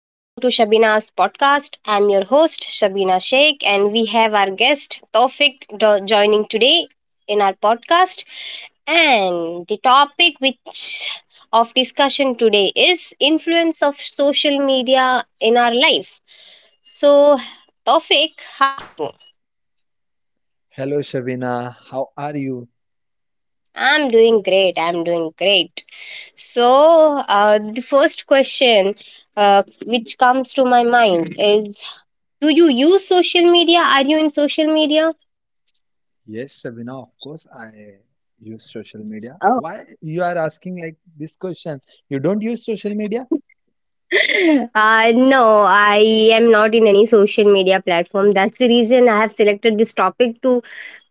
Welcome to Shabina's podcast. I'm your host, Shabina Sheikh, and we have our guest, Tawfiq, joining today in our podcast. And the topic which of discussion today is influence of social media in our life. So, Tawfiq, how Hello, Shabina. How are you? I'm doing great. I'm doing great. So, the first question which comes to my mind is, do you use social media? Are you in social media? Yes, Shabina, of course, I use social media. Oh, Why you are asking like this question? You don't use social media? No, I am not in any social media platform. That's the reason I have selected this topic to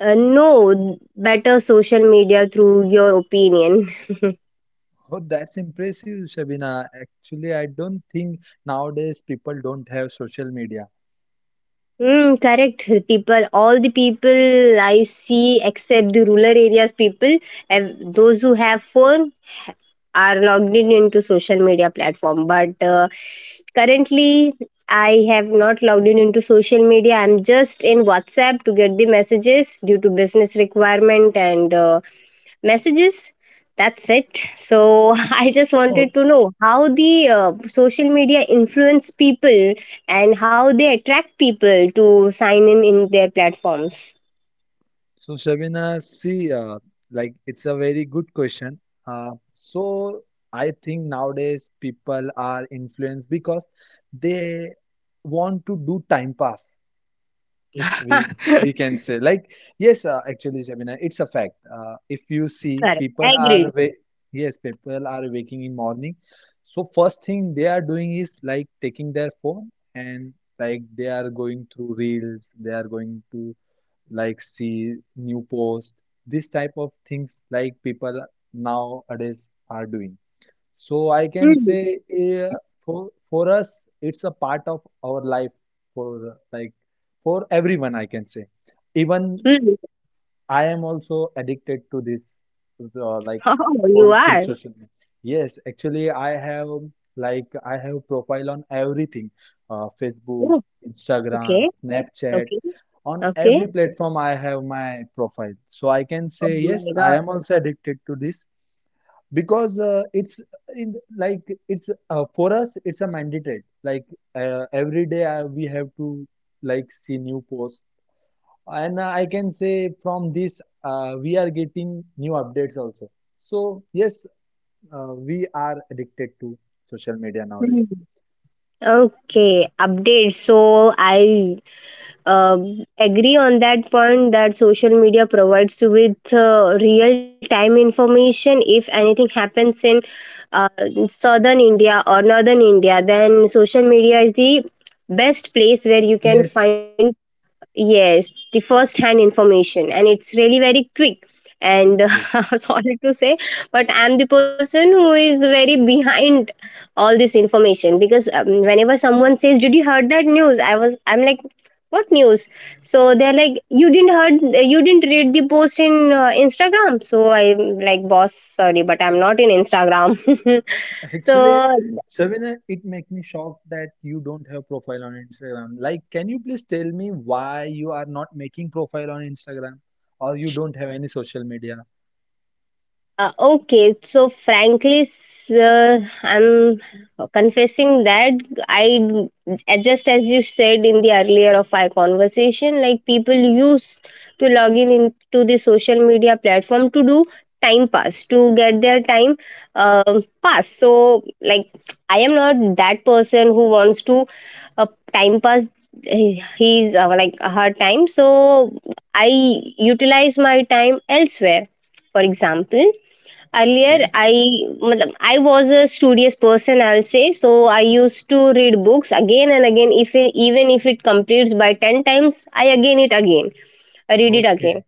know better social media through your opinion. Oh, that's impressive, Shabina. Actually, I don't think nowadays people don't have social media. Mm, correct. People, all the people I see, except the rural areas people, those who have phone, are logged in into social media platform but currently I have not logged in into social media. I'm just in WhatsApp to get the messages due to business requirement and messages, that's it. So I just Oh, wanted to know how the social media influence people and how they attract people to sign in their platforms. so Shabina, see, like it's a very good question. So I think nowadays people are influenced because they want to do time pass. we Correct. we can say like, yes, actually Shabina, it's a fact. If you see people are Agreed. wa yes, people are waking in morning. So first thing they are doing is like taking their phone and like they are going through reels, they are going to like see new post, this type of things like people nowadays are doing. So I can Hmm. say, for us it's a part of our life, for uh, like for everyone I can say. Even Hmm. I am also addicted to this, like Oh, you for to are. social media. Yes, actually I have profile on everything, Facebook, Oh, okay. Instagram, Snapchat. Okay. On Okay. every platform I have my profile. So I can Oh say yes, my I god. am also addicted to this because it's in like it's for us it's a mandatory, every day we have to like see new posts, and I can say from this, we are getting new updates also. So yes, we are addicted to social media Hmm. nowadays. Okay, update. So I um agree on that point that social media provides you with real time information. If anything happens in uh, southern India or northern India, then social media is the best place where you can Yes, find yes, the first hand information, and it's really very quick. And yes. sorry to say, but I'm the person who is very behind all this information because whenever someone says, "Did you heard that news?" I'm like, "What news?" So they're like, "You didn't heard, you didn't read the post in Instagram." So I'm like, "Boss, sorry, but I'm not in Instagram." So Actually, Savina, it makes me shocked that you don't have profile on Instagram. Like, can you please tell me why you are not making profile on Instagram, or you don't have any social media? Okay, so frankly, I'm confessing that I, just as you said in the earlier of our conversation, like people used to log in into the social media platform to do time pass, to get their time pass. So, like, I am not that person who wants to uh, time pass his like her time. So, I utilize my time elsewhere. For example, earlier Okay, I matlab, I was a studious person, I'll say. So I used to read books again and again. If it, even if it completes by 10 times, I again it again, I read it again, okay.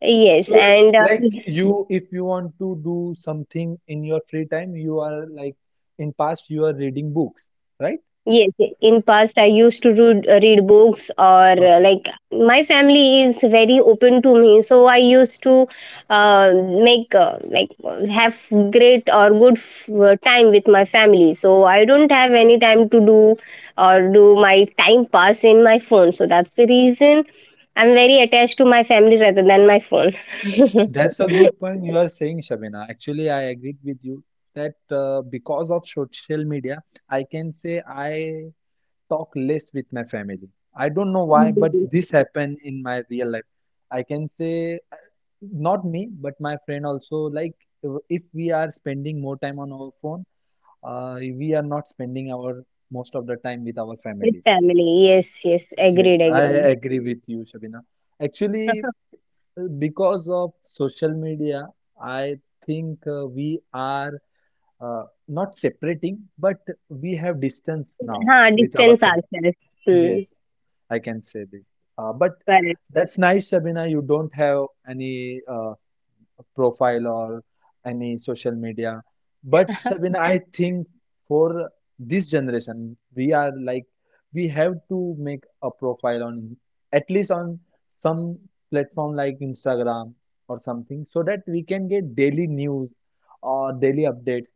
yes. So, And like you, if you want to do something in your free time, you are like in past you are reading books, right? yes, in past I used to read, read books or Okay. like my family is very open to me, so I used to uh, make like have great or good time with my family. So I don't have any time to do or do my time pass in my phone. So that's the reason I'm very attached to my family rather than my phone. That's a good point you are saying, Shabina. Actually, I agreed with you that because of social media, I can say I talk less with my family. I don't know why, but Mhm. this happened in my real life. I can say, not me, but my friend also, like, if we are spending more time on our phone, we are not spending our most of the time with our With family. family, yes, yes, agreed, Yes, I agreed. agree with you, Shabina. Actually, because of social media, I think, we are, not separating, but we have distance now हाँ, with our distance family. ourselves. Hmm. Yes, I can say this. But Correct. that's nice, Sabina. You don't have any, profile or any social media. But Sabina, I think for this generation, we are like we have to make a profile on at least on some platform like Instagram or something, so that we can get daily news or daily updates,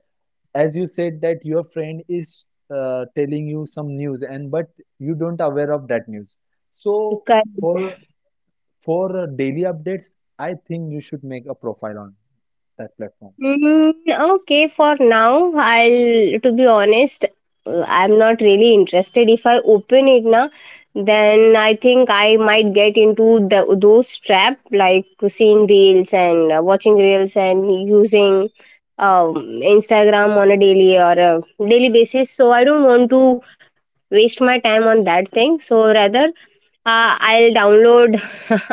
as you said that your friend is telling you some news and but you don't aware of that news. So Correct. for for daily updates, I think you should make a profile on that platform. Mm, okay, for now, I'll to be honest, I'm not really interested. If I open it now, then I think I might get into the those trap like seeing reels and watching reels and using um, Instagram on a daily or a daily basis. So I don't want to waste my time on that thing. So rather, I'll download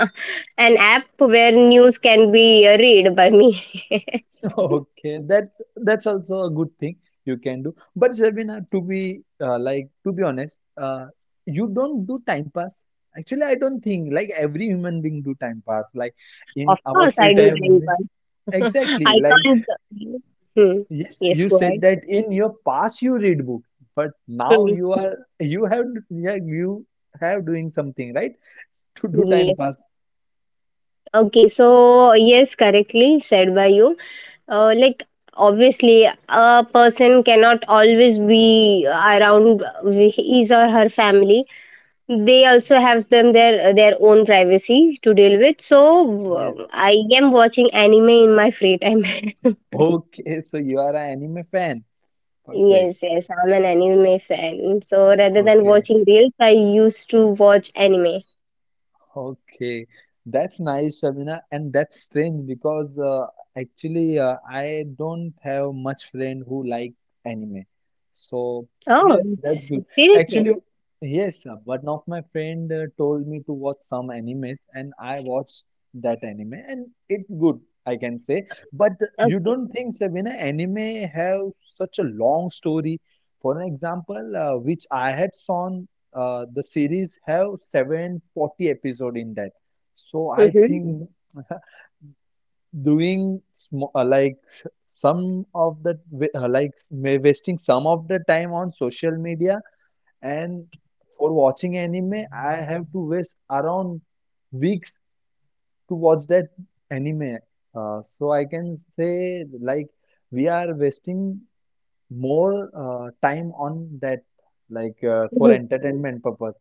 an app where news can be read by me. Okay, that's also a good thing you can do, but Sabina, to be to be honest, you don't do time pass. Actually, I don't think like every human being do time pass, like in Of our course, free I do time time. pass. Exactly, I like, can't. Hmm. yes, Yes, you go ahead. said that in your past you read book, but now Hmm. you have yeah, you have doing something, right? To do time Yes. pass. Okay. So yes, correctly said by you. Like obviously, a person cannot always be around his or her family. They also have them their own privacy to deal with. So Yes. I am watching anime in my free time. Okay, so you are an anime fan. yes Perfect. yes I'm an anime fan, so rather than Okay. watching reels, I used to watch anime. Okay, that's nice, Shabina, and that's strange because, actually, I don't have much friend who like anime. So oh yes, that's s- good. seriously. Actually, yes, one of my friend told me to watch some animes, and I watched that anime, and it's good, I can say. But you don't think, Shabina, anime have such a long story? For an example, which I had saw, the series have 740 episode in that, so I Okay. think doing some of the, uh, like wasting some of the time on social media, and for watching anime I have to waste around weeks to watch that anime. So I can say, like, we are wasting more time on that, like, for Hmm. entertainment purpose.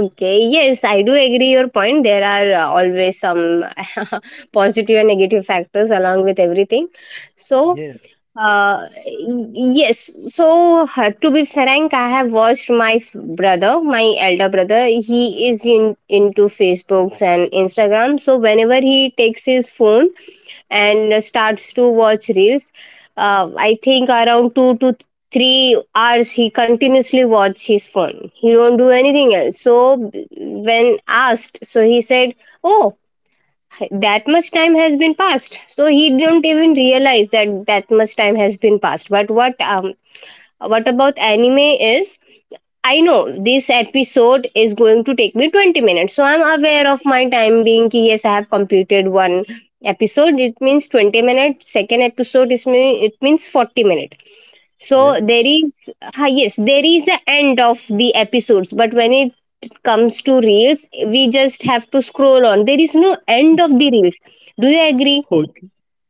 Okay, yes, I do agree your point. There are always some positive and negative factors along with everything. So Yes, Uh, yes. So to be frank, I have watched my brother, my elder brother. He is in into Facebooks and Instagram. So whenever he takes his phone and starts to watch reels, I think around 3 hours he continuously watch his phone. He don't do anything else. So when asked, so he said, "Oh, that much time has been passed," so he did not even realize that that much time has been passed. But what about anime is, I know this episode is going to take me 20 minutes, so I'm aware of my time being ki, yes, I have completed one episode, it means 20 minutes. Second episode is me, it means 40 minutes. So yes. there is, ah, yes, there is a end of the episodes, but when it comes to reels, we just have to scroll on. There is no end of the reels. Do you agree? Okay,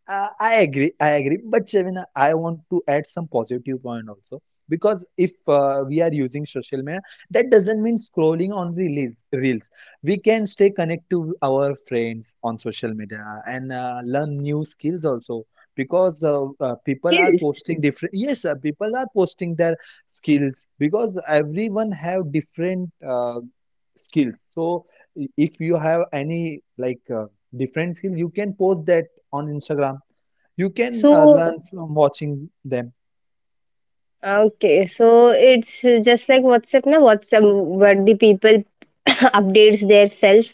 I agree. I agree. But Shavina, I want to add some positive point also, because if we are using social media, that doesn't mean scrolling on reels. Reels. We can stay connected to our friends on social media, and learn new skills also, because people are Yes. posting different. Yes, people are posting their skills because everyone have different skills. So if you have any, like. Different skill you can post that on Instagram. You can So learn from watching them. okay, so it's just like WhatsApp, na WhatsApp, where the people updates their self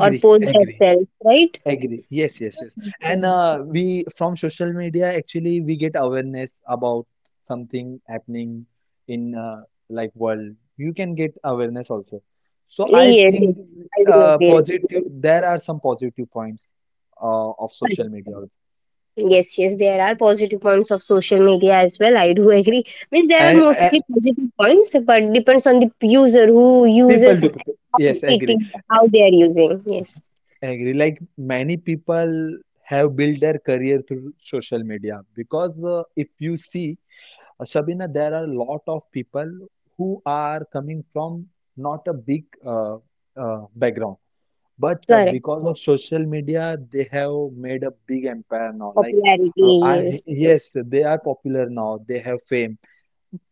or post their agree, self, right? agree. Yes, yes, yes. And Okay. We from social media, actually, we get awareness about something happening in, world. You can get awareness also. So I Yes, yes, think, I do agree. positive. There are some positive points of social media also. Yes, yes, there are positive points of social media as well. I do agree. Means there are And mostly positive points, but depends on the user who people uses to people. how Yes, it agree. is, how they are using. Yes, I agree. Like many people have built their career through social media, because if you see, Shabina, there are a lot of people who are coming from not a big, background, but correct. because of social media, they have made a big empire now. Like, Popularity, I yes. yes, they are popular now. They have fame.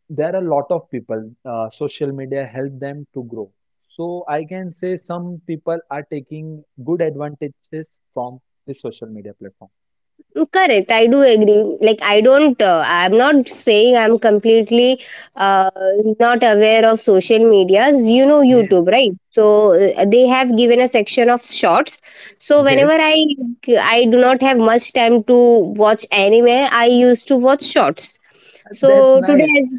There are a lot of people, social media help them to grow. So I can say some people are taking good advantages from the social media platform. Mm, correct. I do agree. Like, I'm not saying I'm completely uh, not aware of social medias. You know, Yes. YouTube, right? So they have given a section of shorts. So whenever Yes, I do not have much time to watch anime, I used to watch shorts. that's So today, nice. as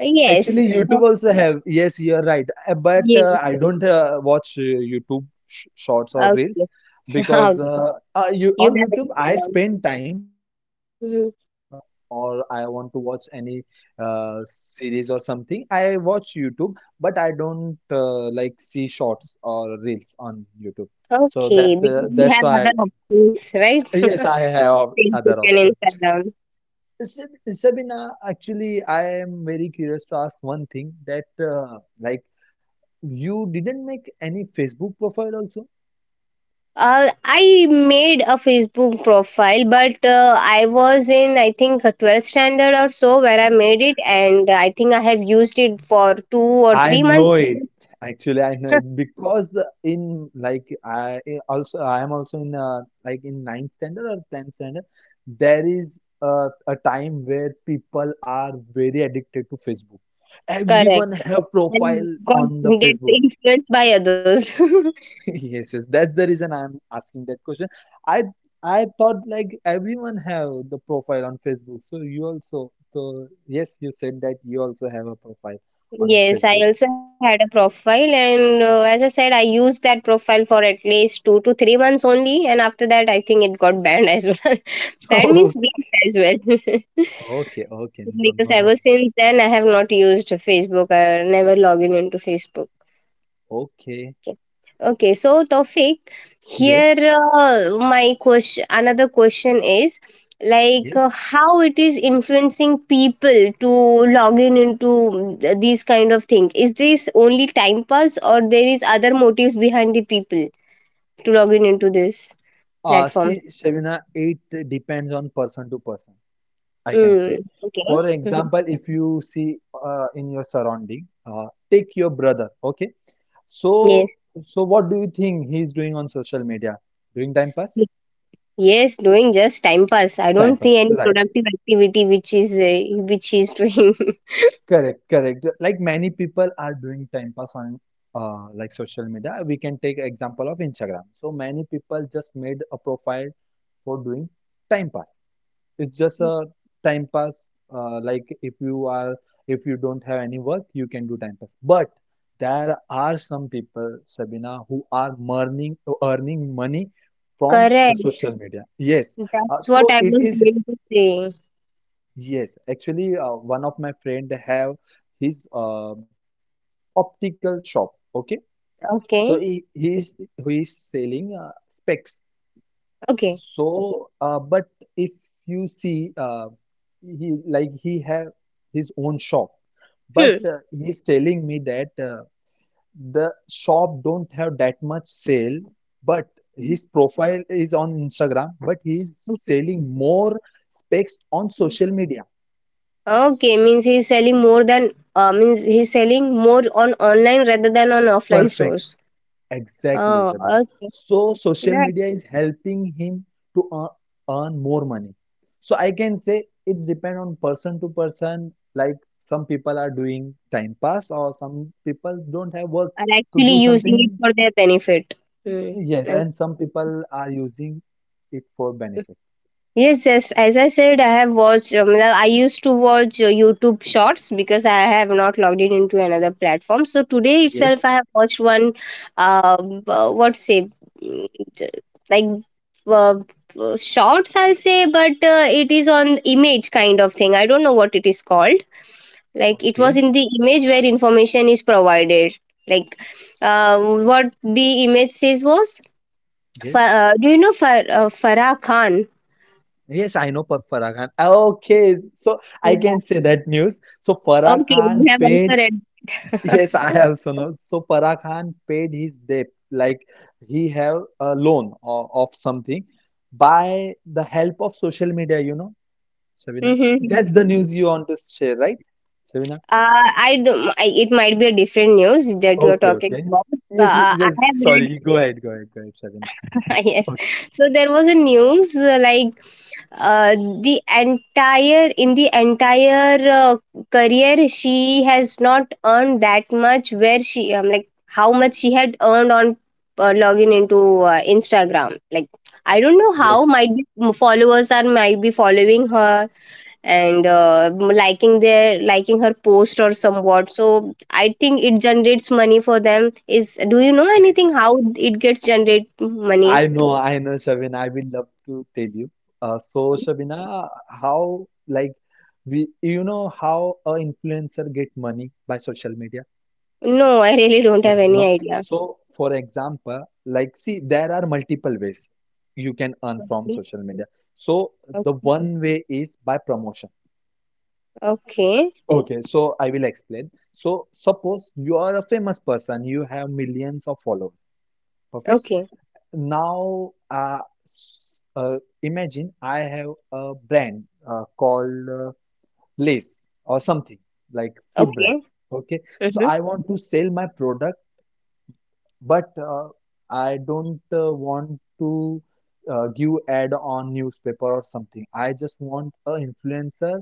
yes, Actually, so YouTube also have. Yes, you're right. Uh, But yes, uh, I don't watch YouTube sh shorts or reels, okay, because okay. You You on have YouTube I it. spend time for listening Mhm. song, or I want to watch any series or something. I watch YouTube, but I don't like see shorts or reels on YouTube. So Okay, that because the you that's have why I, other options, right? yes, I have Facebook other and options. Instagram. Sabina, actually, I am very curious to ask one thing that, like, you didn't make any Facebook profile also? I made a Facebook profile, but I was in I think a 12th standard or so where I made it, and I think I have used it for two or I three know months. it. Actually, I know it because in like I am also in, in ninth standard or tenth standard. There is a time where people are very addicted to Facebook. Correct, Everyone have and profile got on the gets Facebook. influenced by others. Yes, yes, that's the reason I'm asking that question. I I thought like everyone have the profile on Facebook, so you also. So yes, you said that you also have a profile on Yes, I Facebook. also had a profile, and as I said, I used that profile for at least 2 to 3 months only, and after that, I think it got banned as well. Banned means blocked as well. Oh, okay, okay, no, Because no, no. ever since then, I have not used Facebook. I never log in into Facebook. Okay, Okay, okay. So Tofik, yes, here my question, another question is like yes. How it is influencing people to log in into these kind of thing. Is this only time pass or there is other motives behind the people to log in into this platform? See, Shavina, it depends on person to person, I can say. Mm, okay. For Mhm. example, if you see in your surrounding, take your brother, okay? Yes. So, so, what do you think he's doing on social media? Doing time pass? Yes, doing just time pass. I Time don't see pass. any Right. productive activity which is doing. Correct, correct. Like many people are doing time pass on, social media. We can take example of Instagram. So many people just made a profile for doing time pass. It's just a time pass. Like if you are if you don't have any work, you can do time pass. But there are some people, Sabina, who are earning money from the Correct. social media. Yes. Uh, That's what so I it was is, going to say. yes. Actually, one of my friend have his optical shop. Okay. So he, Okay. he is he is selling specs. Okay. But if you see, he have his own shop, but Hmm. He's telling me that the shop don't have that much sale, but his profile is on Instagram, but he's Okay. selling more specs on social media. Okay, means he's selling more than means he's selling more on online rather than on offline Perfect. stores. Exactly, Oh, Shabana. okay. So social Yeah, media is helping him to earn more money. So I can say it's depend on person to person. Like some people are doing time pass, or some people don't have work are to actually do using it something. for their benefit. Hmm. Yes, Okay. and some people are using it for benefit. Yes, yes. As I said, I have watched. Well, I used to watch YouTube Shorts because I have not logged in into another platform. So today itself, Yes. I have watched one. What say, mm, t- like uh, shorts, I'll say, but it is on image kind of thing. I don't know what it is called. Like it was Okay. in the image where information is provided. Like what the image says was. Yes. Do you know Farah Khan? Yes, I know Farah Khan. Okay, so I Yeah. can say that news. So Farah Okay, we Khan have also paid. read. Yes, I also know. So Farah Khan paid his debt, like he have a loan of something by the help of social media, you know, Shabina. Mm-hmm. That's the news you want to share, right, Shabina? I don't. It might be a different news that you are Okay, talking okay. about. Yes, yes, I yes, have sorry. Go ahead, go ahead, go ahead, Shabina. read. Yes. Okay, So there was a news like uh, the entire in the entire career she has not earned that much. Where she like how much she had earned on login into Instagram. Like I don't know how yes. might be followers are might be following her and liking their liking her post or somewhat. So I think it generates money for them. Is, do you know Thanks. anything how it gets generate money? I know, Shabina. I will love to tell you. So, Shabina, how, like, we, you know how a influencer get money by social media? No, I really don't have Right, any no. idea. So, for example, like, see, there are multiple ways you can earn from Okay. social media. So, the one way is by promotion. Okay. Okay, so I will explain. So, suppose you are a famous person, you have millions of followers. Perfect. Okay. Okay. Now, imagine I have a brand called Lace or something, like food Okay. brand. Okay, so Hmm. I want to sell my product, but I don't want to give ad on newspaper or something. I just want a influencer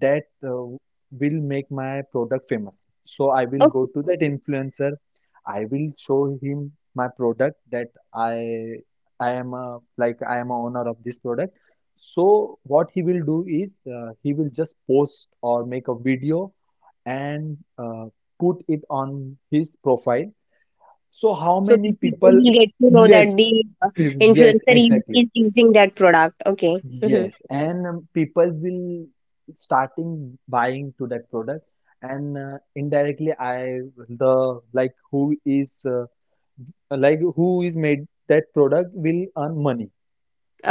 that will make my product famous. So I will go Okay, to that influencer. I will show him my product that I I am a, like I am a owner of this product. So what he will do is, he will just post or make a video and put it on his profile. So how so the many people people? will get to know that Yes, the yes, influencer exactly. is using that product. Okay. Hmm. Yes, and people will starting buying to that product, and indirectly, I the like who is made that product will earn money.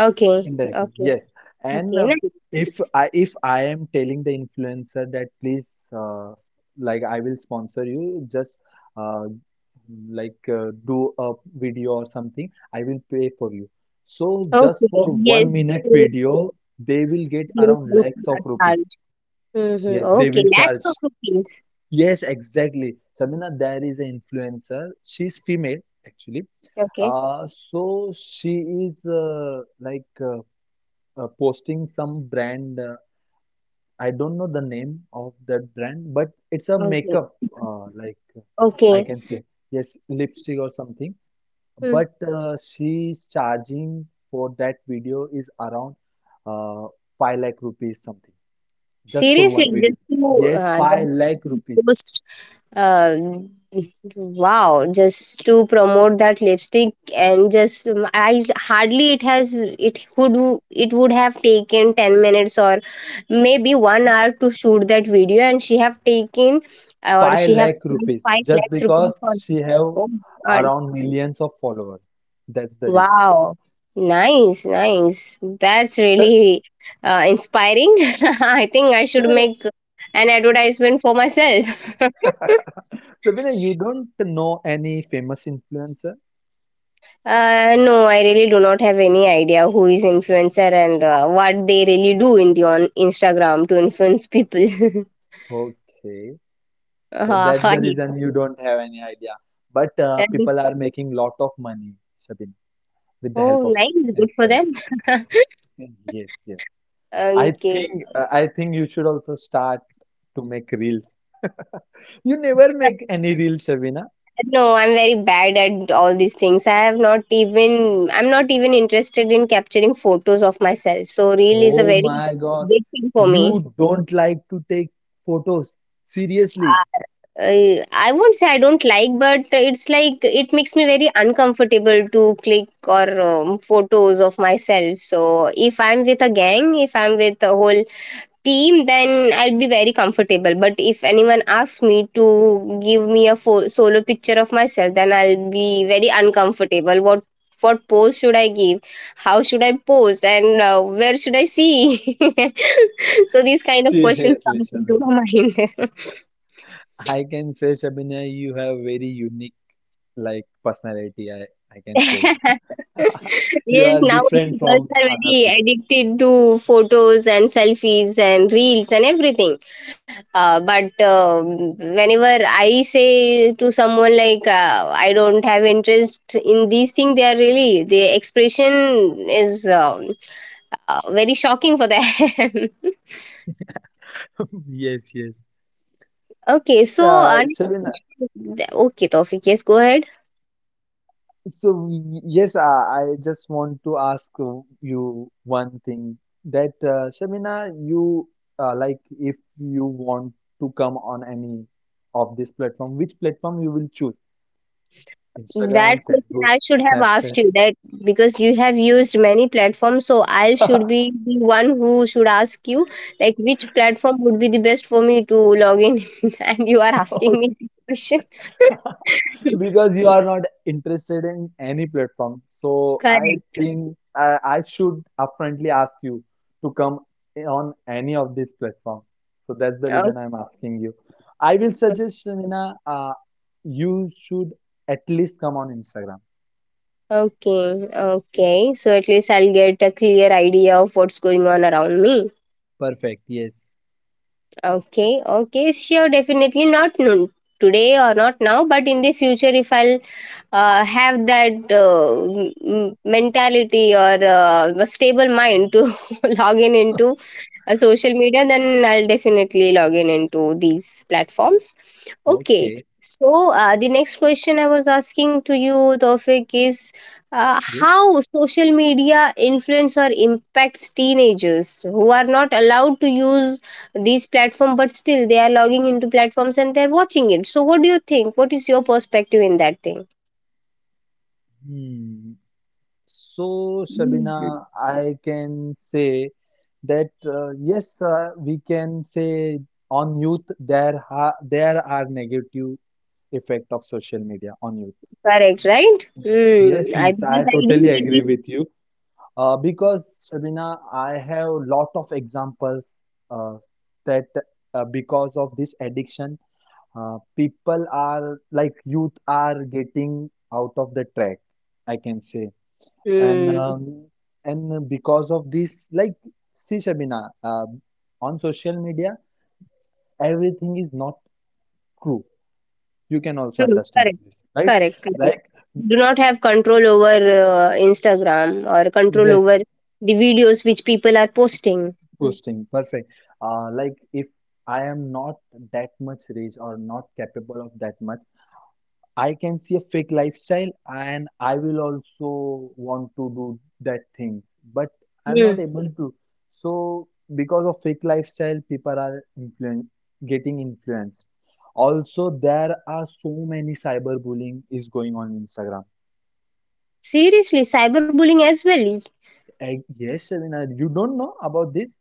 Okay. Indirectly, Okay. yes. And Okay, uh, nice. if I am telling the influencer that, please like I will sponsor you, just uh, like do a video or something, I will pay for you. So just Okay, for yes. 1 minute video, they will get around So, lakhs of rupees. Mhm. Yes, they Okay, will lakhs charge. of rupees. Yes, exactly. Shamina, there is an influencer. She's female actually. Okay. So she is posting some brand. I don't know the name of that brand, but it's a Okay. makeup, I Okay. can say, yes, lipstick or something. Hmm. But she's charging for that video is around uh, 5 lakh rupees something, just for Seriously, one video. just to Yes, 5 that's lakh just to rupees. post, uh, wow, just to promote that lipstick. And just I hardly it has it would, it would have taken 10 minutes or maybe 1 hour to shoot that video, and she have taken or 5 she have lakh spent rupees, five just lakh rupees because for. she have Oh, uh, around millions of followers. That's the reason. wow. Nice, nice. That's So, really inspiring. I think I should Sabina, make an advertisement for myself. Sabina, you don't know any famous influencer? No, I really do not have any idea who is influencer and what they really do in the on Instagram to influence people. Okay, so Ah, that's the hi. reason you don't have any idea. But people are making lot of money, Sabina, with the help Oh, of nice. Good for Instagram. them. Yes, yes. Okay. I think you should also start to make reels. You never make any reels, Sabina. No, I'm very bad at all these things. I'm not even interested in capturing photos of myself. So reel is a Oh very my God, big thing for me. you don't like to take photos. Seriously, Uh, I won't say I don't like, but it's like it makes me very uncomfortable to click or photos of myself. So if I'm with a gang, if I'm with a whole team, then I'll be very comfortable, but if anyone asks me to give me a solo picture of myself, then I'll be very uncomfortable. What pose should I give, how should I pose, and where should I see? So these kind of questions seriously, come into Shabina. my mind. I can say, Shabina, you have very unique like personality. I can say. You Yes, are now different girls are from other very people. addicted to photos and selfies and reels and everything. But whenever I say to someone like I don't have interest in these things, they are really, the expression is very shocking for them. Yes, yes. Okay, Shavin, okay, Tawfiq, yes, go ahead. so yes, I just want to ask you one thing that Shavina, you like if you want to come on any of this platform, which platform you will choose? Instagram, That question Facebook, I should have asked Snapchat. you, that because you have used many platforms, so I should be the one who should ask you like which platform would be the best for me to log in, and you are asking me this question. Because you are not interested in any platform. So I Correct. think I should upfrontly ask you to come on any of these platform. So that's the Okay. reason I'm asking you. I will suggest, Shamina, you should at least come on Instagram. Okay. Okay. So at least I'll get a clear idea of what's going on around me. Perfect. Yes. Okay, okay, sure, definitely not no, today or not now, but in the future, if I'll have that mentality or a stable mind to log in into a social media, then I'll definitely log in into these platforms. Okay. Okay. So the next question I was asking to you, Tofik, is Yes. how social media influence or impacts teenagers who are not allowed to use these platforms, but still they are logging into platforms and they're watching it. So what do you think? What is your perspective in that thing? Hmm. So, Mm. Shabina, I can say that yes, we can say on youth there ha there are negative effect of social media on youth. Correct, right? Yes, yes, Hmm. I yes. I Because I do. totally agree with you. Because Shabina, I have lot of examples uh, that because of this addiction, people are like youth are getting out of the track. I can say, and Hmm. um, and because of this, like, see, Shabina, on social media, everything is not true. You can also True, understand correct. this, right? Correct, correct. Like, Do not have control over Instagram or control over yes, the videos which people are posting. posting, perfect. Like, if I am not that much rich or not capable of that much, I can see a fake lifestyle and I will also want to do that thing, but I'm not Hmm. able to. So because of fake lifestyle, people are influen getting influenced. Also, there are so many cyberbullying is going on Instagram. Seriously, cyberbullying as well. Eh, yes, Shavina, you don't know about this?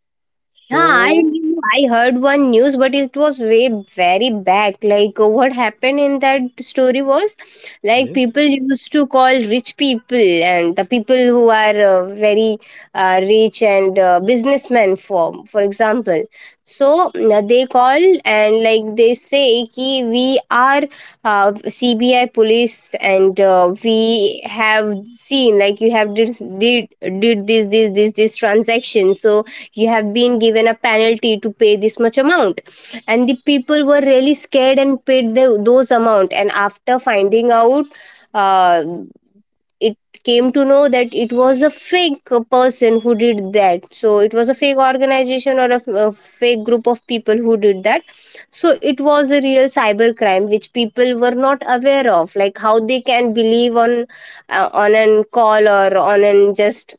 Yeah, So I heard one news, but it was way very back. Like what happened in that story was, like, yes, people used to call rich people and the people who are very rich and businessmen, for example. So they call and like they say ki we are uh, CBI police and we have seen like you have did, did this transaction. So you have been given a penalty to pay this much amount, and the people were really scared and paid those amount, and after finding out uh, it came to know that it was a fake person who did that. So it was a fake organization or a fake group of people who did that. So it was a real cyber crime which people were not aware of, like how they can believe on an call or on an just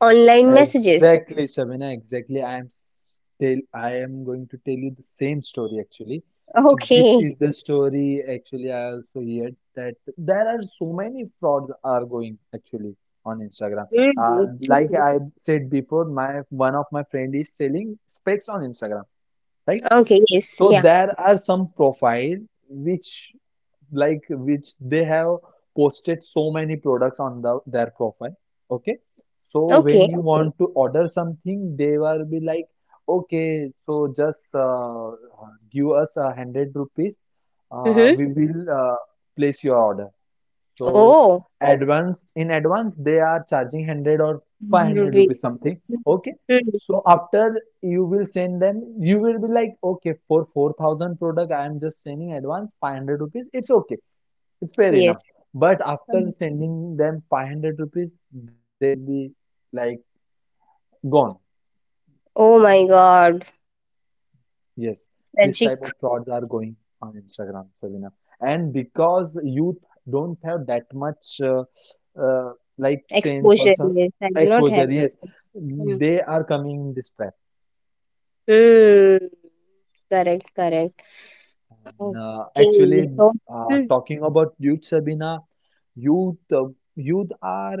online messages. exactly, Shabina, exactly. I am going to tell you the same story actually. So this Okay. is the story actually I also hear that there are so many frauds are going actually on Instagram. Mm, Like true. I said before, my one of my friend is selling specs on Instagram, right? Okay, yes, So yeah. there are some profile which like which they have posted so many products on the, their profile. Okay, so when Okay. you Okay. want to order something, they will be like, okay, so just give us 100 rupees, Mm-hmm. we will place your order. So Oh, Okay. advance, in advance they are charging 100 or 500 Ruby. rupees something, Mm-hmm. okay. So after you will send them, you will be like, okay, for 4000 product I am just sending advance 500 rupees, it's okay, it's fair Yes. enough. But after Mm. sending them 500 rupees, they will be like gone. Oh my God. Yes, this type Tragic. of frauds are going on Instagram, Sabina. And because youth don't have that much uh, like sense or Exposure. some Yes, I do not have. exposure, yes, Mm. they are coming in this trap. Mm, correct, correct. Actually, Okay. So, talking about youth, Sabina, youth, youth are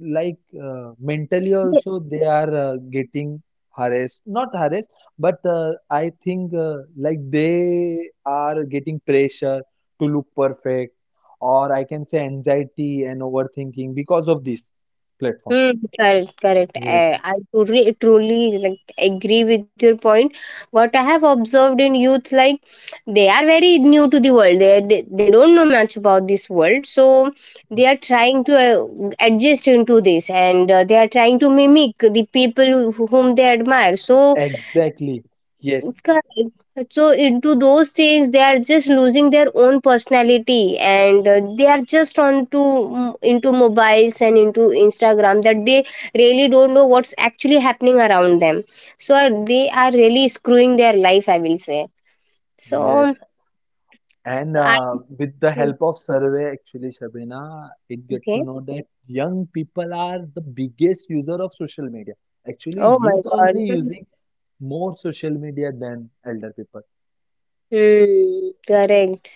like mentally mm. also they are getting harassed, not harassed, but I think like they are getting pressure to look perfect or I can say anxiety and overthinking because of this platform. Hmm. Correct, correct. yes I truly, truly like agree with your point. What I have observed in youth, like, they are very new to the world. They don't know much about this world, so yeah. they are trying to adjust into this, and they are trying to mimic the people who, whom they admire. So. exactly yes Correct. So into those things, they are just losing their own personality, and they are just on to into mobiles and into Instagram, that they really don't know what's actually happening around them. So they are really screwing their life, I will say. yes So, and I with the help of survey actually, Shabina, it get to okay. know that young people are the biggest user of social media. Actually, Oh my youth God. only using more social media than elder people. Hmm. Correct.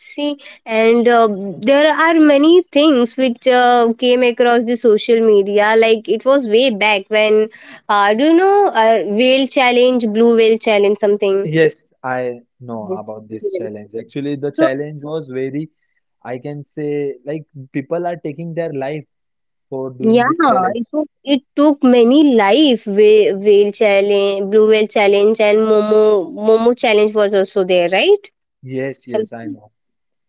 See, and there are many things which came across the social media. Like it was way back when, do you know, whale challenge, blue whale challenge, something. Yes, I know about this Yes. challenge. Actually, the So, challenge was very, I can say, like people are taking their life for yeah, doing this challenge. it took many life, whale challenge, blue whale challenge, and Momo challenge was also there, right? Yes, yes, I Something. know.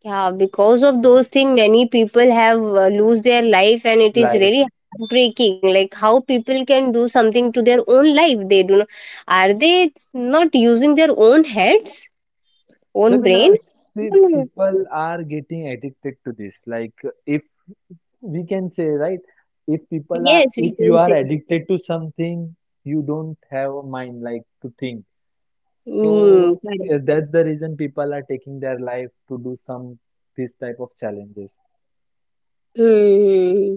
Yeah, because of those things, many people have lose their life, and it is Life. really heartbreaking. Like how people can do something to their own life. They do not. Are they not using their own heads, own brain? Seminar, see, Hmm. people are getting addicted to this. Like, if we can say, right, Yes, we if you can are say. addicted to something, you don't have a mind like to think. Mm, So correct. yes, that's the reason people are taking their life to do some this type of challenges. Hmm. Hmm, hmm.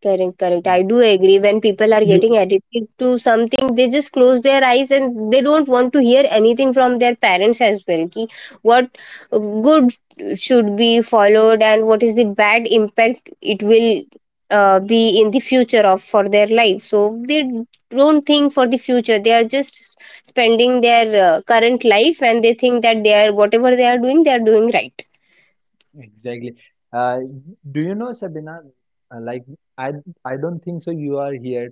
Correct, correct. I do agree. When people are You getting addicted to something, they just close their eyes and they don't want to hear anything from their parents as well. Ki what good should be followed and what is the bad impact it will be in the future of for their life. So they don't think for the future. They are just spending their current life, and they think that they are whatever they are doing right. exactly. Uh, do you know, Sabina? Like I, I don't think so. You are here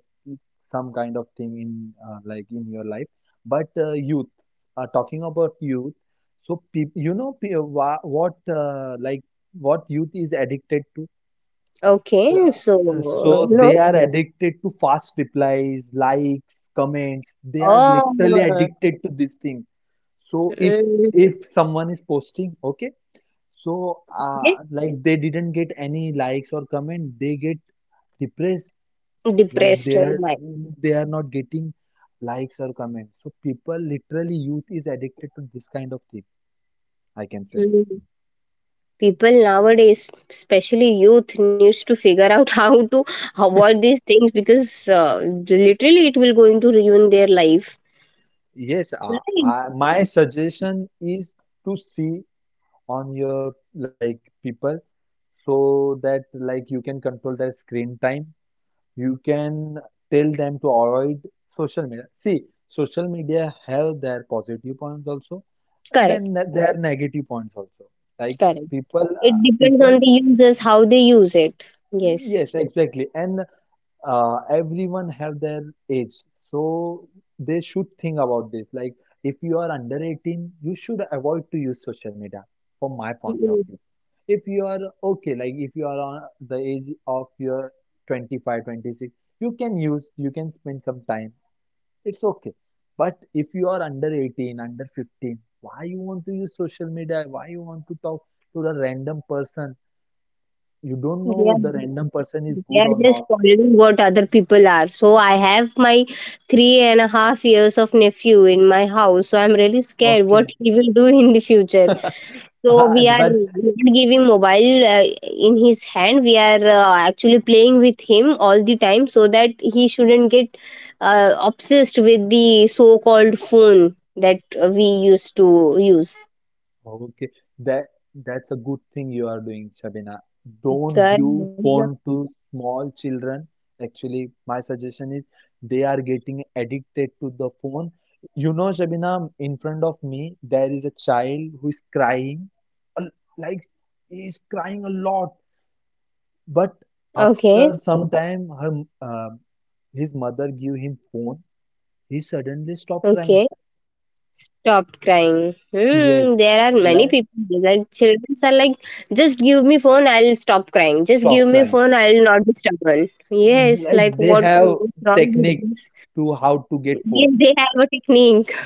some kind of thing in like in your life, but youth. Talking about youth, so peop you know pe- wha- what like what youth is addicted to. Okay, Uh, so so no. they are addicted to fast replies, likes, comments. They are Oh. literally uh, addicted to this thing. So if mm, if someone is posting, okay, so like they didn't get any likes or comment, they get depressed. Like Depressed, oh my. they are not getting likes or comments. So people literally youth is addicted to this kind of thing, I can say. Mhm. People nowadays, especially youth, needs to figure out how to avoid these things, because literally it will going to ruin their life. Yes, Right. My suggestion is to see on your like people so that like you can control their screen time. You can tell them to avoid social media. See, social media have their positive points also, Correct, then there negative points also, like correct. people It depends people, on the users how they use it. Yes. yes exactly. And everyone have their age, so they should think about this. Like if you are under 18, you should avoid to use social media, from my point of Mhm. view. If you are okay, like if you are on the age of your 25, 26, you can use, you can spend some time, it's okay. But if you are under 18, under 15, why you want to use social media, why you want to talk to the random person? You don't They are, know the random person is they good are or just not. following what other people are. So I have my 3.5 years of nephew in my house. So I'm really scared Okay. what he will do in the future. So Uh, we are But not giving mobile in his hand. We are actually playing with him all the time so that he shouldn't get obsessed with the so-called phone that we used to use. okay, that that's a good thing you are doing, Shabina. Don't give Girl- phone to small children. Actually, my suggestion is they are getting addicted to the phone. You know, Shabina, in front of me there is a child who is crying, a- like he is crying a lot. But Okay, after some time, her um his mother give him phone. He suddenly stop crying. okay. Stopped crying. Hmm, Yes, there are many like people. Like, children are like, just give me phone, I'll stop crying. Just stop give me crying. phone, I'll not be stubborn. Yes, Like like they have what's wrong with technique this? to how to get food. Yes, they have a technique.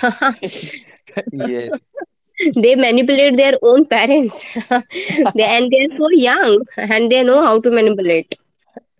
Yes, They manipulate their own parents. And they are so young and they know how to manipulate.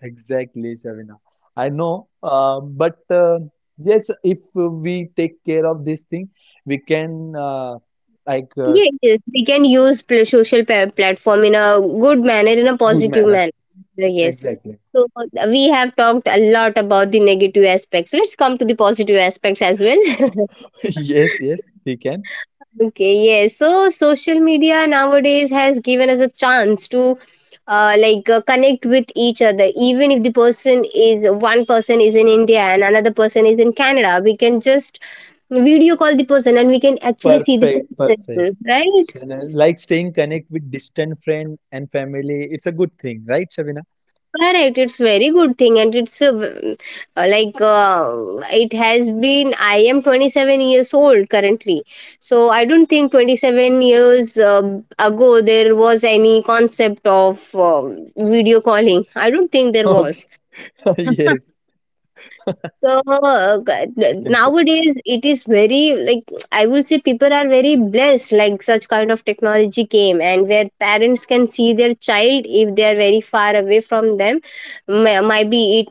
exactly, Shavina. I know, but yes, if we take care of this thing, we can like uh, Yes, yes, we can use social platform in a good manner, in a good positive manner. manner. Yes. Exactly. So we have talked a lot about the negative aspects. Let's come to the positive aspects as well. Yes, yes, we can. Okay, yes. So social media nowadays has given us a chance to like connect with each other. Even if the person is one person is in India and another person is in Canada, we can just video call the person and we can actually see the Perfect, person, perfect. right? So, like staying connect with distant friend and family, it's a good thing, right, Shavina? Correct, it's very good thing, and like, it has been. I am 27 years old currently, so I don't think 27 years ago there was any concept of video calling. I don't think there Okay. was. Yes, So I can say. nowadays it is very, like, I will say, people are very blessed, like such kind of technology came, and where parents can see their child if they are very far away from them. Maybe it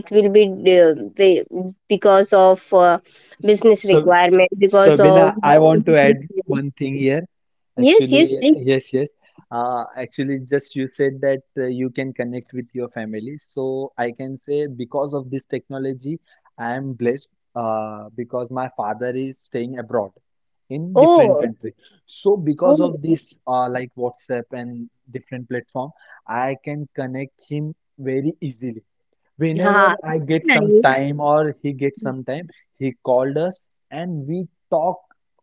will be uh, be- because of business So, requirement, because of Sabina, I want to add one thing here. yes, yes, Actually, please. yes, yes. Actually, just you said that you can connect with your family. So I can say because of this technology, I am blessed because my father is staying abroad in different Oh, country. So oh. because of this, like WhatsApp and different platform, I can connect him very easily. Ha, Whenever I get some nice, time or he gets some time, he called us and we talk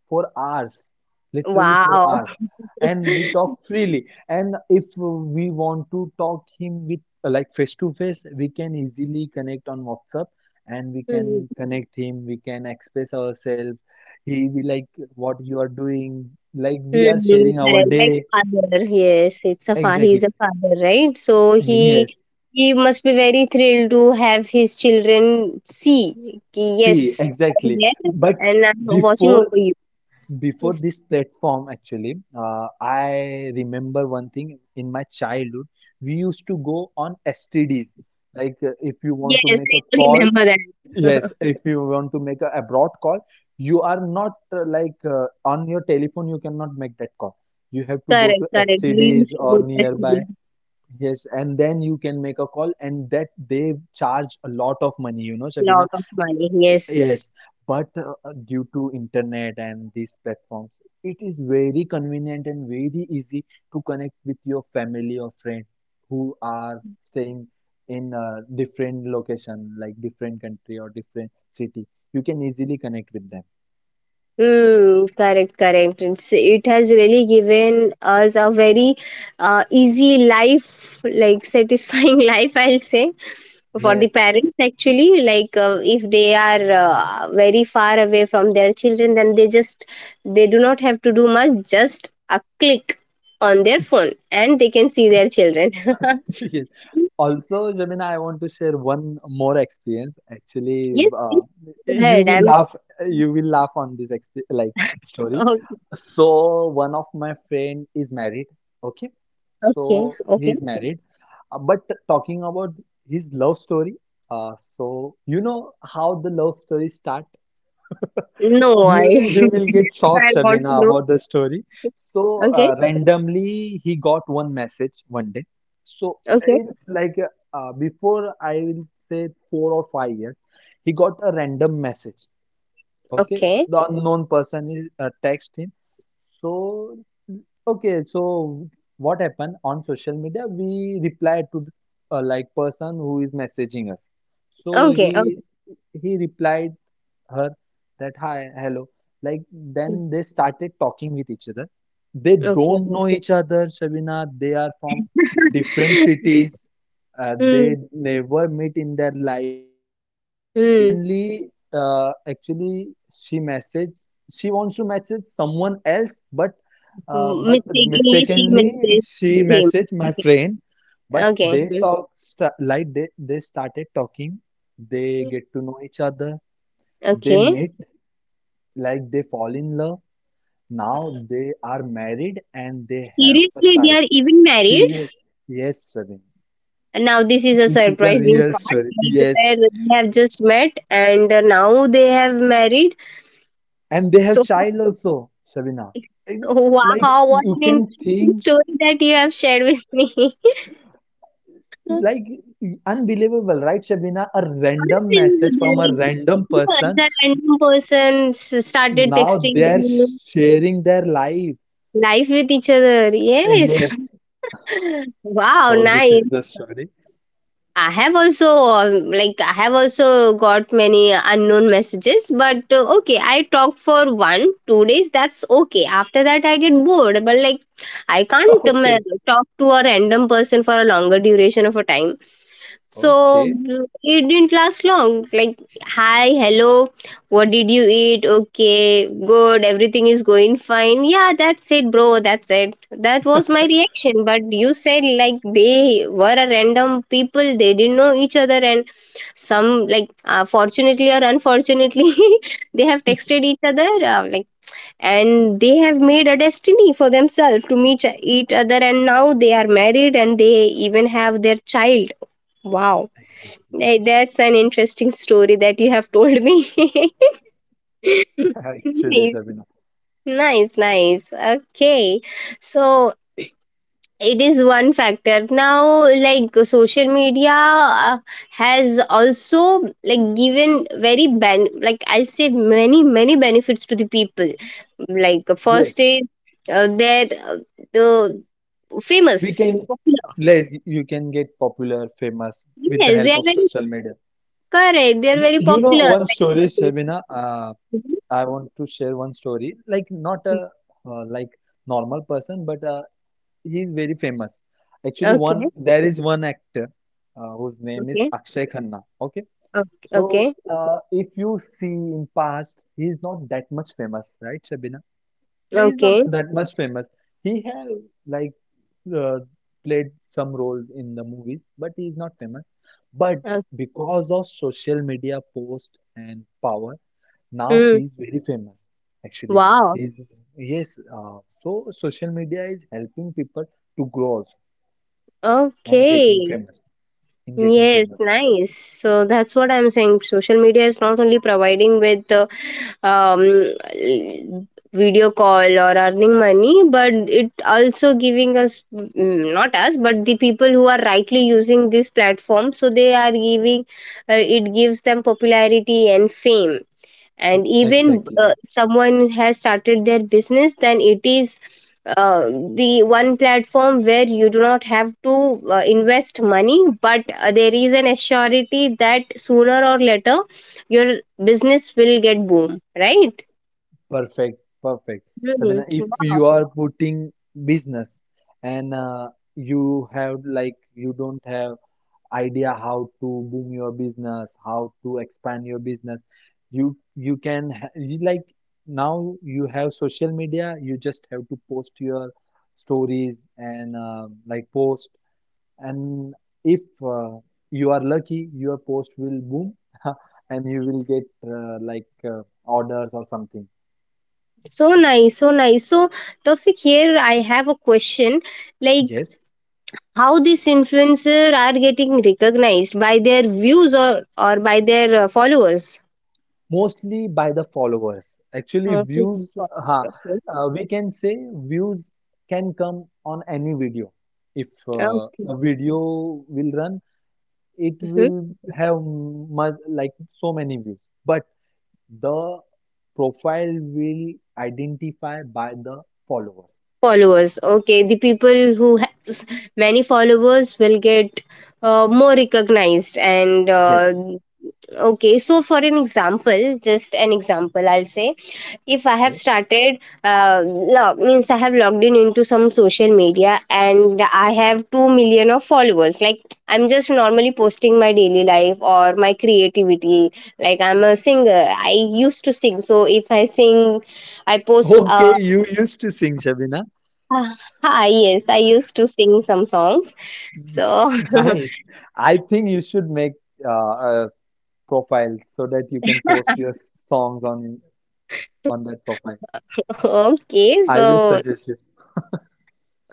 for hours, literally for wow. hours. And we talk freely. And if we want to talk him with like face to face, we can easily connect on WhatsApp and we can connect him, we can express ourselves. He will like what you are doing, like we are Mm, sharing our correct, like day. father. Yes, it's a he's Exactly. a father, right? So Yes. he must be very thrilled to have his children see. कि Yes, See, I'm exactly. there But and I'm watching before over you. Before Yes, this platform, actually, I remember one thing in my childhood. We used to go on STDs. Like if you want to yes, make a I call, remember that. yes, if you want to make a abroad call, you are not on your telephone, you cannot make that call. You have to go Correct, to correct. We STDs used to or go nearby. to Yes, and then you can make a call, and that they charge a lot of money, you know, a Sabina. lot of money. Yes. Yes, but due to internet and these platforms, it is very convenient and very easy to connect with your family or friend who are staying in a different location, like different country or different city. You can easily connect with them. Mm, correct, correct. It has really given us a very easy life, like satisfying life, I'll say, for the Yes, parents actually. Like if they are very far away from their children, then they do not have to do much. Just a click on their phone, and they can see their children. Yes. Also, Jamina, I want to share one more experience. Actually, Yes, please, go you ahead. will I'm laugh. You will laugh on this exp like story. okay. So, one of my friend is married. Okay, Okay. so Okay. he's married. But talking about his love story, so you know how the love story start. No, You, I will- you will get shocked, I want Shabina, to know. about the story. So, Okay. Randomly, he got one message one day. So, Okay. in like before, I will say 4 or 5 years, he got a random message. Okay, Okay. the unknown person is text him. So, okay, so what happened on social media? We replied to the person who is messaging us. So Okay. Okay. he replied her that hi, hello, like then they started talking with each other. They Okay. don't know each other, Shabina. They are from different cities. They Mm. never meet in their life. Mm. Suddenly, actually, she messaged. She wants to message someone else, but but Mistakenly, she mistakenly messaged she him. messaged my Okay. friend. But Okay. they started talking. They Mhm. get to know each other. They Okay. meet, they fall in love. Now they are married and they have a Seriously, they child. are even married. Serious, yes, Shabina. Now this is a This is a surprising real part. story. Like Yes, where they have just met and now they have married. and they have So child also, Shabina. And, like wow, what you an can interesting think, story that you have shared with me. like unbelievable, right, Shabina? A random message from a Unbelievable. random Yeah, person, the random person started now texting they're you sharing their life. live with each other. Yes. Yes, Wow, so this is nice. the story. I have also like, I have also got many unknown messages, but okay, I talk for one two days. That's okay. After that, I get bored. But like, I can't Okay, talk to a random person for a longer duration of a time. So okay, it didn't last long. Like, hi, hello, what did you eat? Okay, good, everything is going fine. Yeah, that's it, bro, that's it. That was my reaction. But you said, like, they were a random people, they didn't know each other, and some, like, fortunately or unfortunately, they have texted each other, and they have made a destiny for themselves to meet each other, and now they are married and they even have their child. Wow. exactly. That's an interesting story that you have told me. Actually, Nice, Shabina, nice. Okay. So it is one factor. Now, like, social media has also, like, given very ben like I'll say many benefits to the people. Like, first yes, is that the we famous can popular. You can get popular, famous with the Yes, they help are of very social media. correct. They are You, very you know popular. one story, Shabina. I want to share one story. Like, not a uh, like normal person, but he is very famous. Actually, Okay. one there is one actor whose name is Okay. Akshay Khanna. Okay, Okay, so okay, if you see in past, he is not that much famous, right, Shabina? He's not okay. that much famous. He have, like uh, played some role in the movies, but he is not famous. But Uh, because of social media post and power, now mm, he is very famous. Actually, wow. he is, yes. So social media is helping people to grow also and getting Okay. famous. In getting Yes, famous, nice. So that's what I'm saying. Social media is not only providing with um, video call or earning money, but it also giving us not us, but the people who are rightly using this platform. So they are giving it gives them popularity and fame, and even, exactly. if someone has started their business, then it is uh, the one platform where you do not have to invest money, but there is an assurity that sooner or later your business will get boom, right? Perfect, perfect. Hmm. Sabina, if Wow. you are putting business, and you don't have idea how to boom your business, how to expand your business, you can ha- you like now you have social media. You just have to post your stories, and post, and if you are lucky, your post will boom, and you will get orders or something. So nice, so nice. So, Tofik, here I have a question, like Yes. how these influencers are getting recognized by their views, or by their followers. Mostly by the followers, actually. Mostly Views followers. Okay. We can say views can come on any video. If Okay. a video will run, it Hmm. will have much like so many views, but the profile will identify by the followers. Followers. Okay. The people who has many followers will get more recognized. And Yes, okay. So, for an example, just an example, I'll say if I have yes. started log means I have logged in into some social media and I have 2 million of followers, like I'm just normally posting my daily life or my creativity, like I'm a singer, I used to sing, so if I sing, I post Okay, you used to sing, Shabina. ah, yes, I used to sing some songs, so Nice. I think you should make uh, uh, profile so that you can post your songs on that profile. okay, I will so suggest you.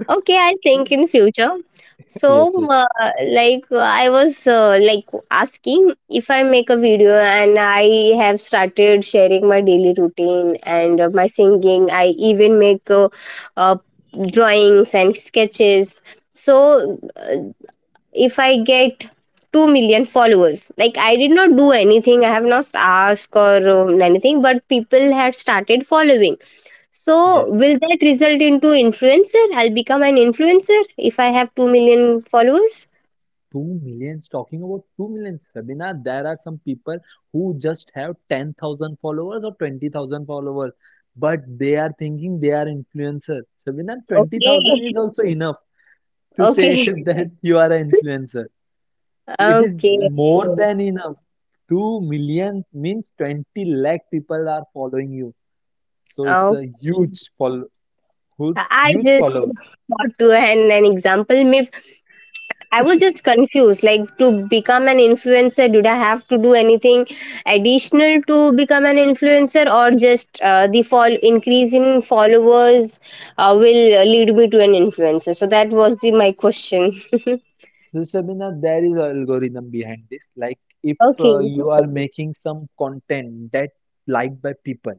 okay, I think in future. Yes, So, yes, uh, I was asking if I make a video and I have started sharing my daily routine and my singing. I even make uh, drawings and sketches. So, if I get 2 million followers, like I did not do anything. I have not asked or anything, but people had started following, so yes. will that result into influencer? I'll become an influencer if I have 2 million followers. Two millions. Talking about two millions, Sabina. There are some people who just have 10,000 followers or 20,000 followers, but they are thinking they are influencer. Sabina, twenty Okay. thousand is also enough to say Okay. that you are an influencer. It is Okay. more Okay. than enough. 2 million means 20 lakh people are following you. So it's Oh, a huge follow, I huge just follow. thought to an example. If I was just confused, like, to become an influencer, did I have to do anything additional to become an influencer, or just the fall increase in followers will lead me to an influencer? So that was the my question. So, Shabina, there is an algorithm behind this. Like, if Okay. you are making some content that liked by people.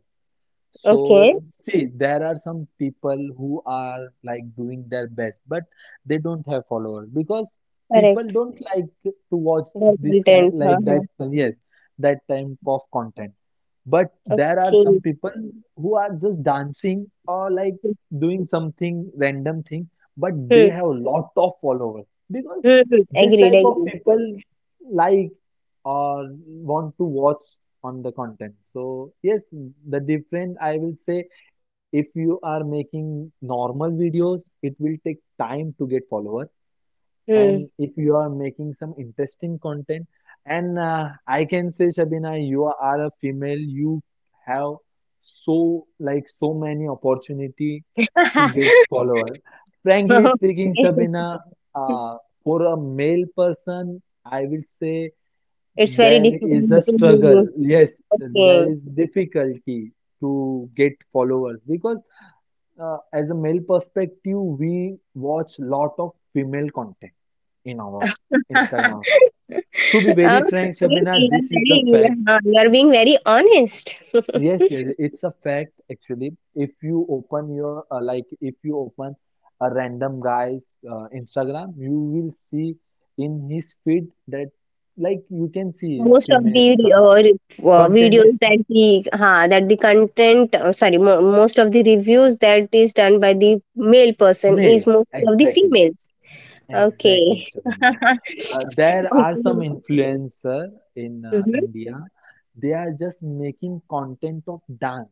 Okay. So, see, there are some people who are like doing their best, but they don't have followers because people Correct. don't like to watch Their this content. kind, Huh, like that, huh. yes, that type of content. But there are some Okay. people who are just dancing or like Hmm. doing something random thing, but they Hmm. have a lot of followers because Hmm. Agreed. this type Agreed. of people like or want to watch on the content. So yes, the different I will say, if you are making normal videos, it will take time to get followers. Hmm. And if you are making some interesting content, and I can say, Shabina, you are a female, you have so many opportunity to get followers. Frankly speaking, Okay. Shabina, uh, for a male person, I will say It's very there difficult is a struggle. to Yes, okay. there is difficulty to get followers because, as a male perspective, we watch lot of female content in our Instagram also. Okay. To be very frank, Shabina, You are this is the very, fact. You are being very honest. Yes, yes, it's a fact actually. If you open your like, if you open a random guy's Instagram, you will see in his feed that, like, you can see Most of female the content videos is. that the ha that the content sorry, most of the reviews that is done by the male person is Male, mostly of the exactly, females. exactly, Okay. Shabina. There are some Okay. influencer in Mhm. India. They are just making content of dance.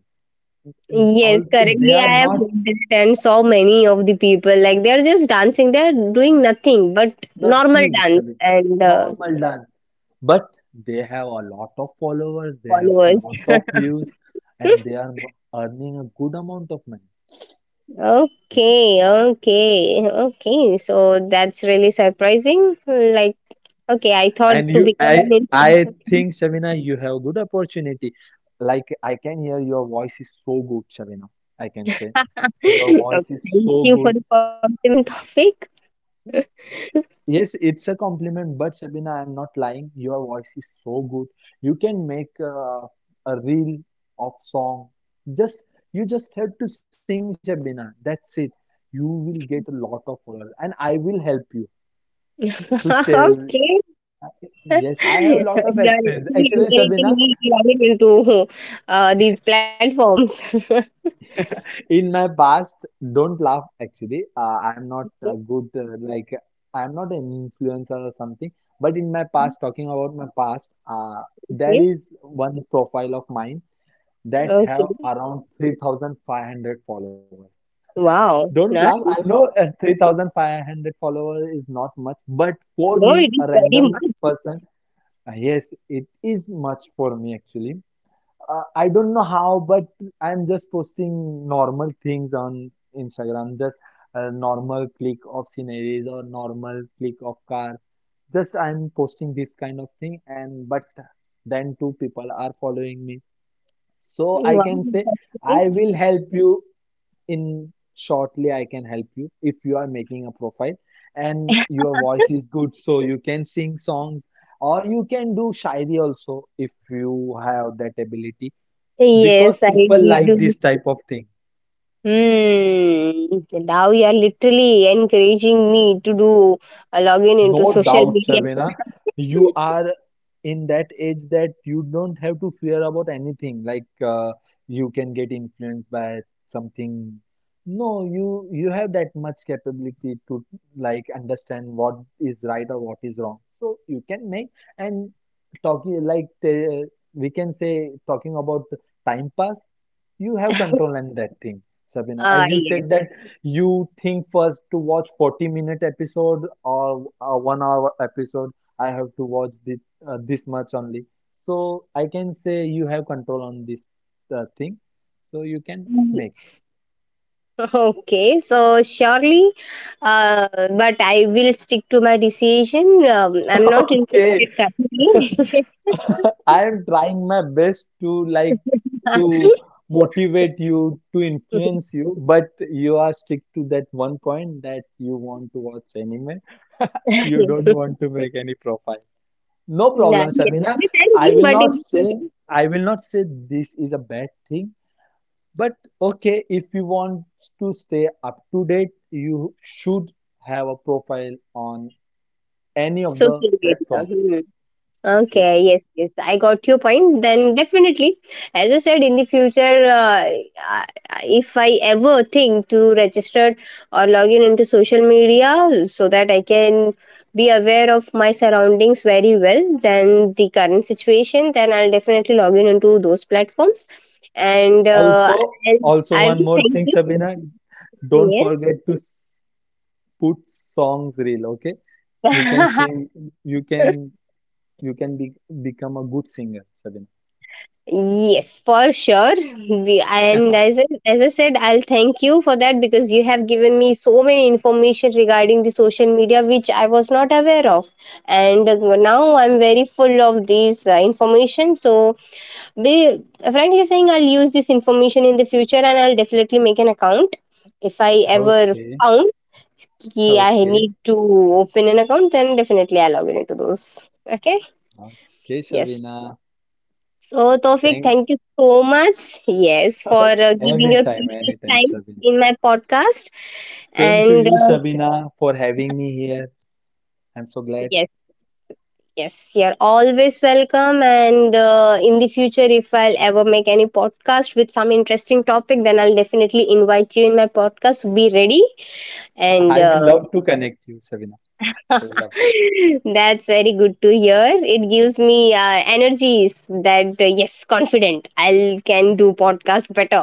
And Yes, also, they currently are I have not witnessed and saw many of the people, like, they are just dancing. They are doing nothing but normal nothing, dance Shabina. and Normal dance, but they have a lot of followers. They have followers. lot of views, and they are earning a good amount of money. Okay, okay, okay. So that's really surprising. Like, okay, I And thought you, to I, become an I influencer. think, Shavina, you have good opportunity. Like, I can hear your voice is so good, Shavina. I can say your Okay, voice is thank so you for good. the compliment topic. Yes, it's a compliment, but Shabina, I'm not lying. Your voice is so good. You can make a reel of song. Just you just have to sing, Shabina. That's it. You will get a lot of followers, and I will help you to share. Okay, Yes, I you have a lot are of really experience. Actually, encouraging Shabina, me to log in into these platforms. in my past, don't laugh. Actually, I'm not a good like I'm not an influencer or something. But in my past, talking about my past, there Okay. is one profile of mine that have Okay. around 3500 followers. Wow. Don't laugh. I Nice. know, 3500 followers is not much, but for me, No, it a is very random much. person, yes, it is much for me actually. I don't know how, but I'm just posting normal things on Instagram, just a normal click of sceneries or normal click of car. Just I'm posting this kind of thing, and but then two people are following me. So I Wow. can say That's I nice. will help you in shortly. I can help you if you are making a profile, and your voice is good, so you can sing songs or you can do shairi also if you have that ability because Yes, I people like this do. type of thing. Hmm. Now you are literally encouraging me to do a login No into social doubt, media. Shabina, you are in that age that you don't have to fear about anything, like, you can get influenced by something. No, you have that much capability to, like, understand what is right or what is wrong, so you can make. And talking, like, we can say, talking about time pass, you have control on that thing, Sabina, Ah, as you yes. said that. You think first to watch 40-minute episode or a 1 hour episode, I have to watch this much only. So I can say you have control on this thing. So you can make. Yes. Okay, so surely, uh, but I will stick to my decision. I'm not Okay. interested currently. I am trying my best to, like, to motivate you, to influence you, but you are stick to that one point that you want to watch anime. You don't want to make any profile. No Yeah, problem, yes. Samina. I will But not in say I will not say this is a bad thing, but okay, if you want to stay up to date, you should have a profile on any of the social platform. media. Okay, Yes. yes, yes, I got your point. Then definitely, as I said, in the future, I- if I ever think to register or log in into social media, so that I can be aware of my surroundings very well, then the current situation, then I'll definitely log in into those platforms. And Also, I I one will more thank thing, you. Sabina, don't Yes. forget to put songs reel, okay? You can sing, you can you can become a good singer, Sabina. Yes, for sure. And as as I said, I'll thank you for that because you have given me so many information regarding the social media which I was not aware of, and now I'm very full of these information. So, be, frankly saying, I'll use this information in the future, and I'll definitely make an account if I ever Okay, found ki I okay, need to open an account. Then definitely I'll log in into those. Okay. okay, Yes. Shabina. So, Tofik, Thank thank you so much. Yes, for giving your Anytime, precious anytime, time Sabina. in my podcast. Same to And you, Sabina, for having me here. I'm so glad. yes, yes, you're always welcome. And in the future, if I'll ever make any podcast with some interesting topic, then I'll definitely invite you in my podcast. Be ready. And I will love to connect you, Sabina. I will love to. that's very good to hear. It gives me energies that, yes, confident. I'll can do podcast better.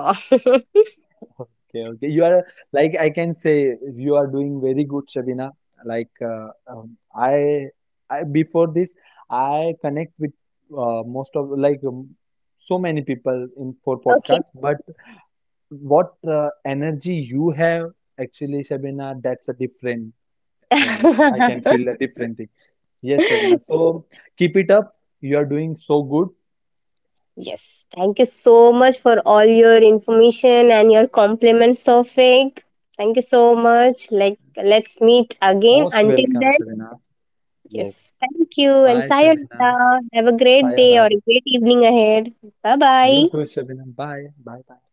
Okay, okay. You are, like, I can say you are doing very good, Sabina. Like, I before this, I connect with most of, so many people in for Okay. podcast, but what energy you have actually, Sabina, that's a different. I can feel the different thing. Yes, Savina. So keep it up. You are doing so good. Yes. Thank you so much for all your information and your compliments, Sofik. Thank you so much. Like, let's meet again. Most Until welcome, then, Savina. yes. Yes. Thank you and Bye, Savina. sayonara. Have a great day or Sayonara. a great evening ahead. Bye bye. You too, Savina. Bye. Bye. Bye.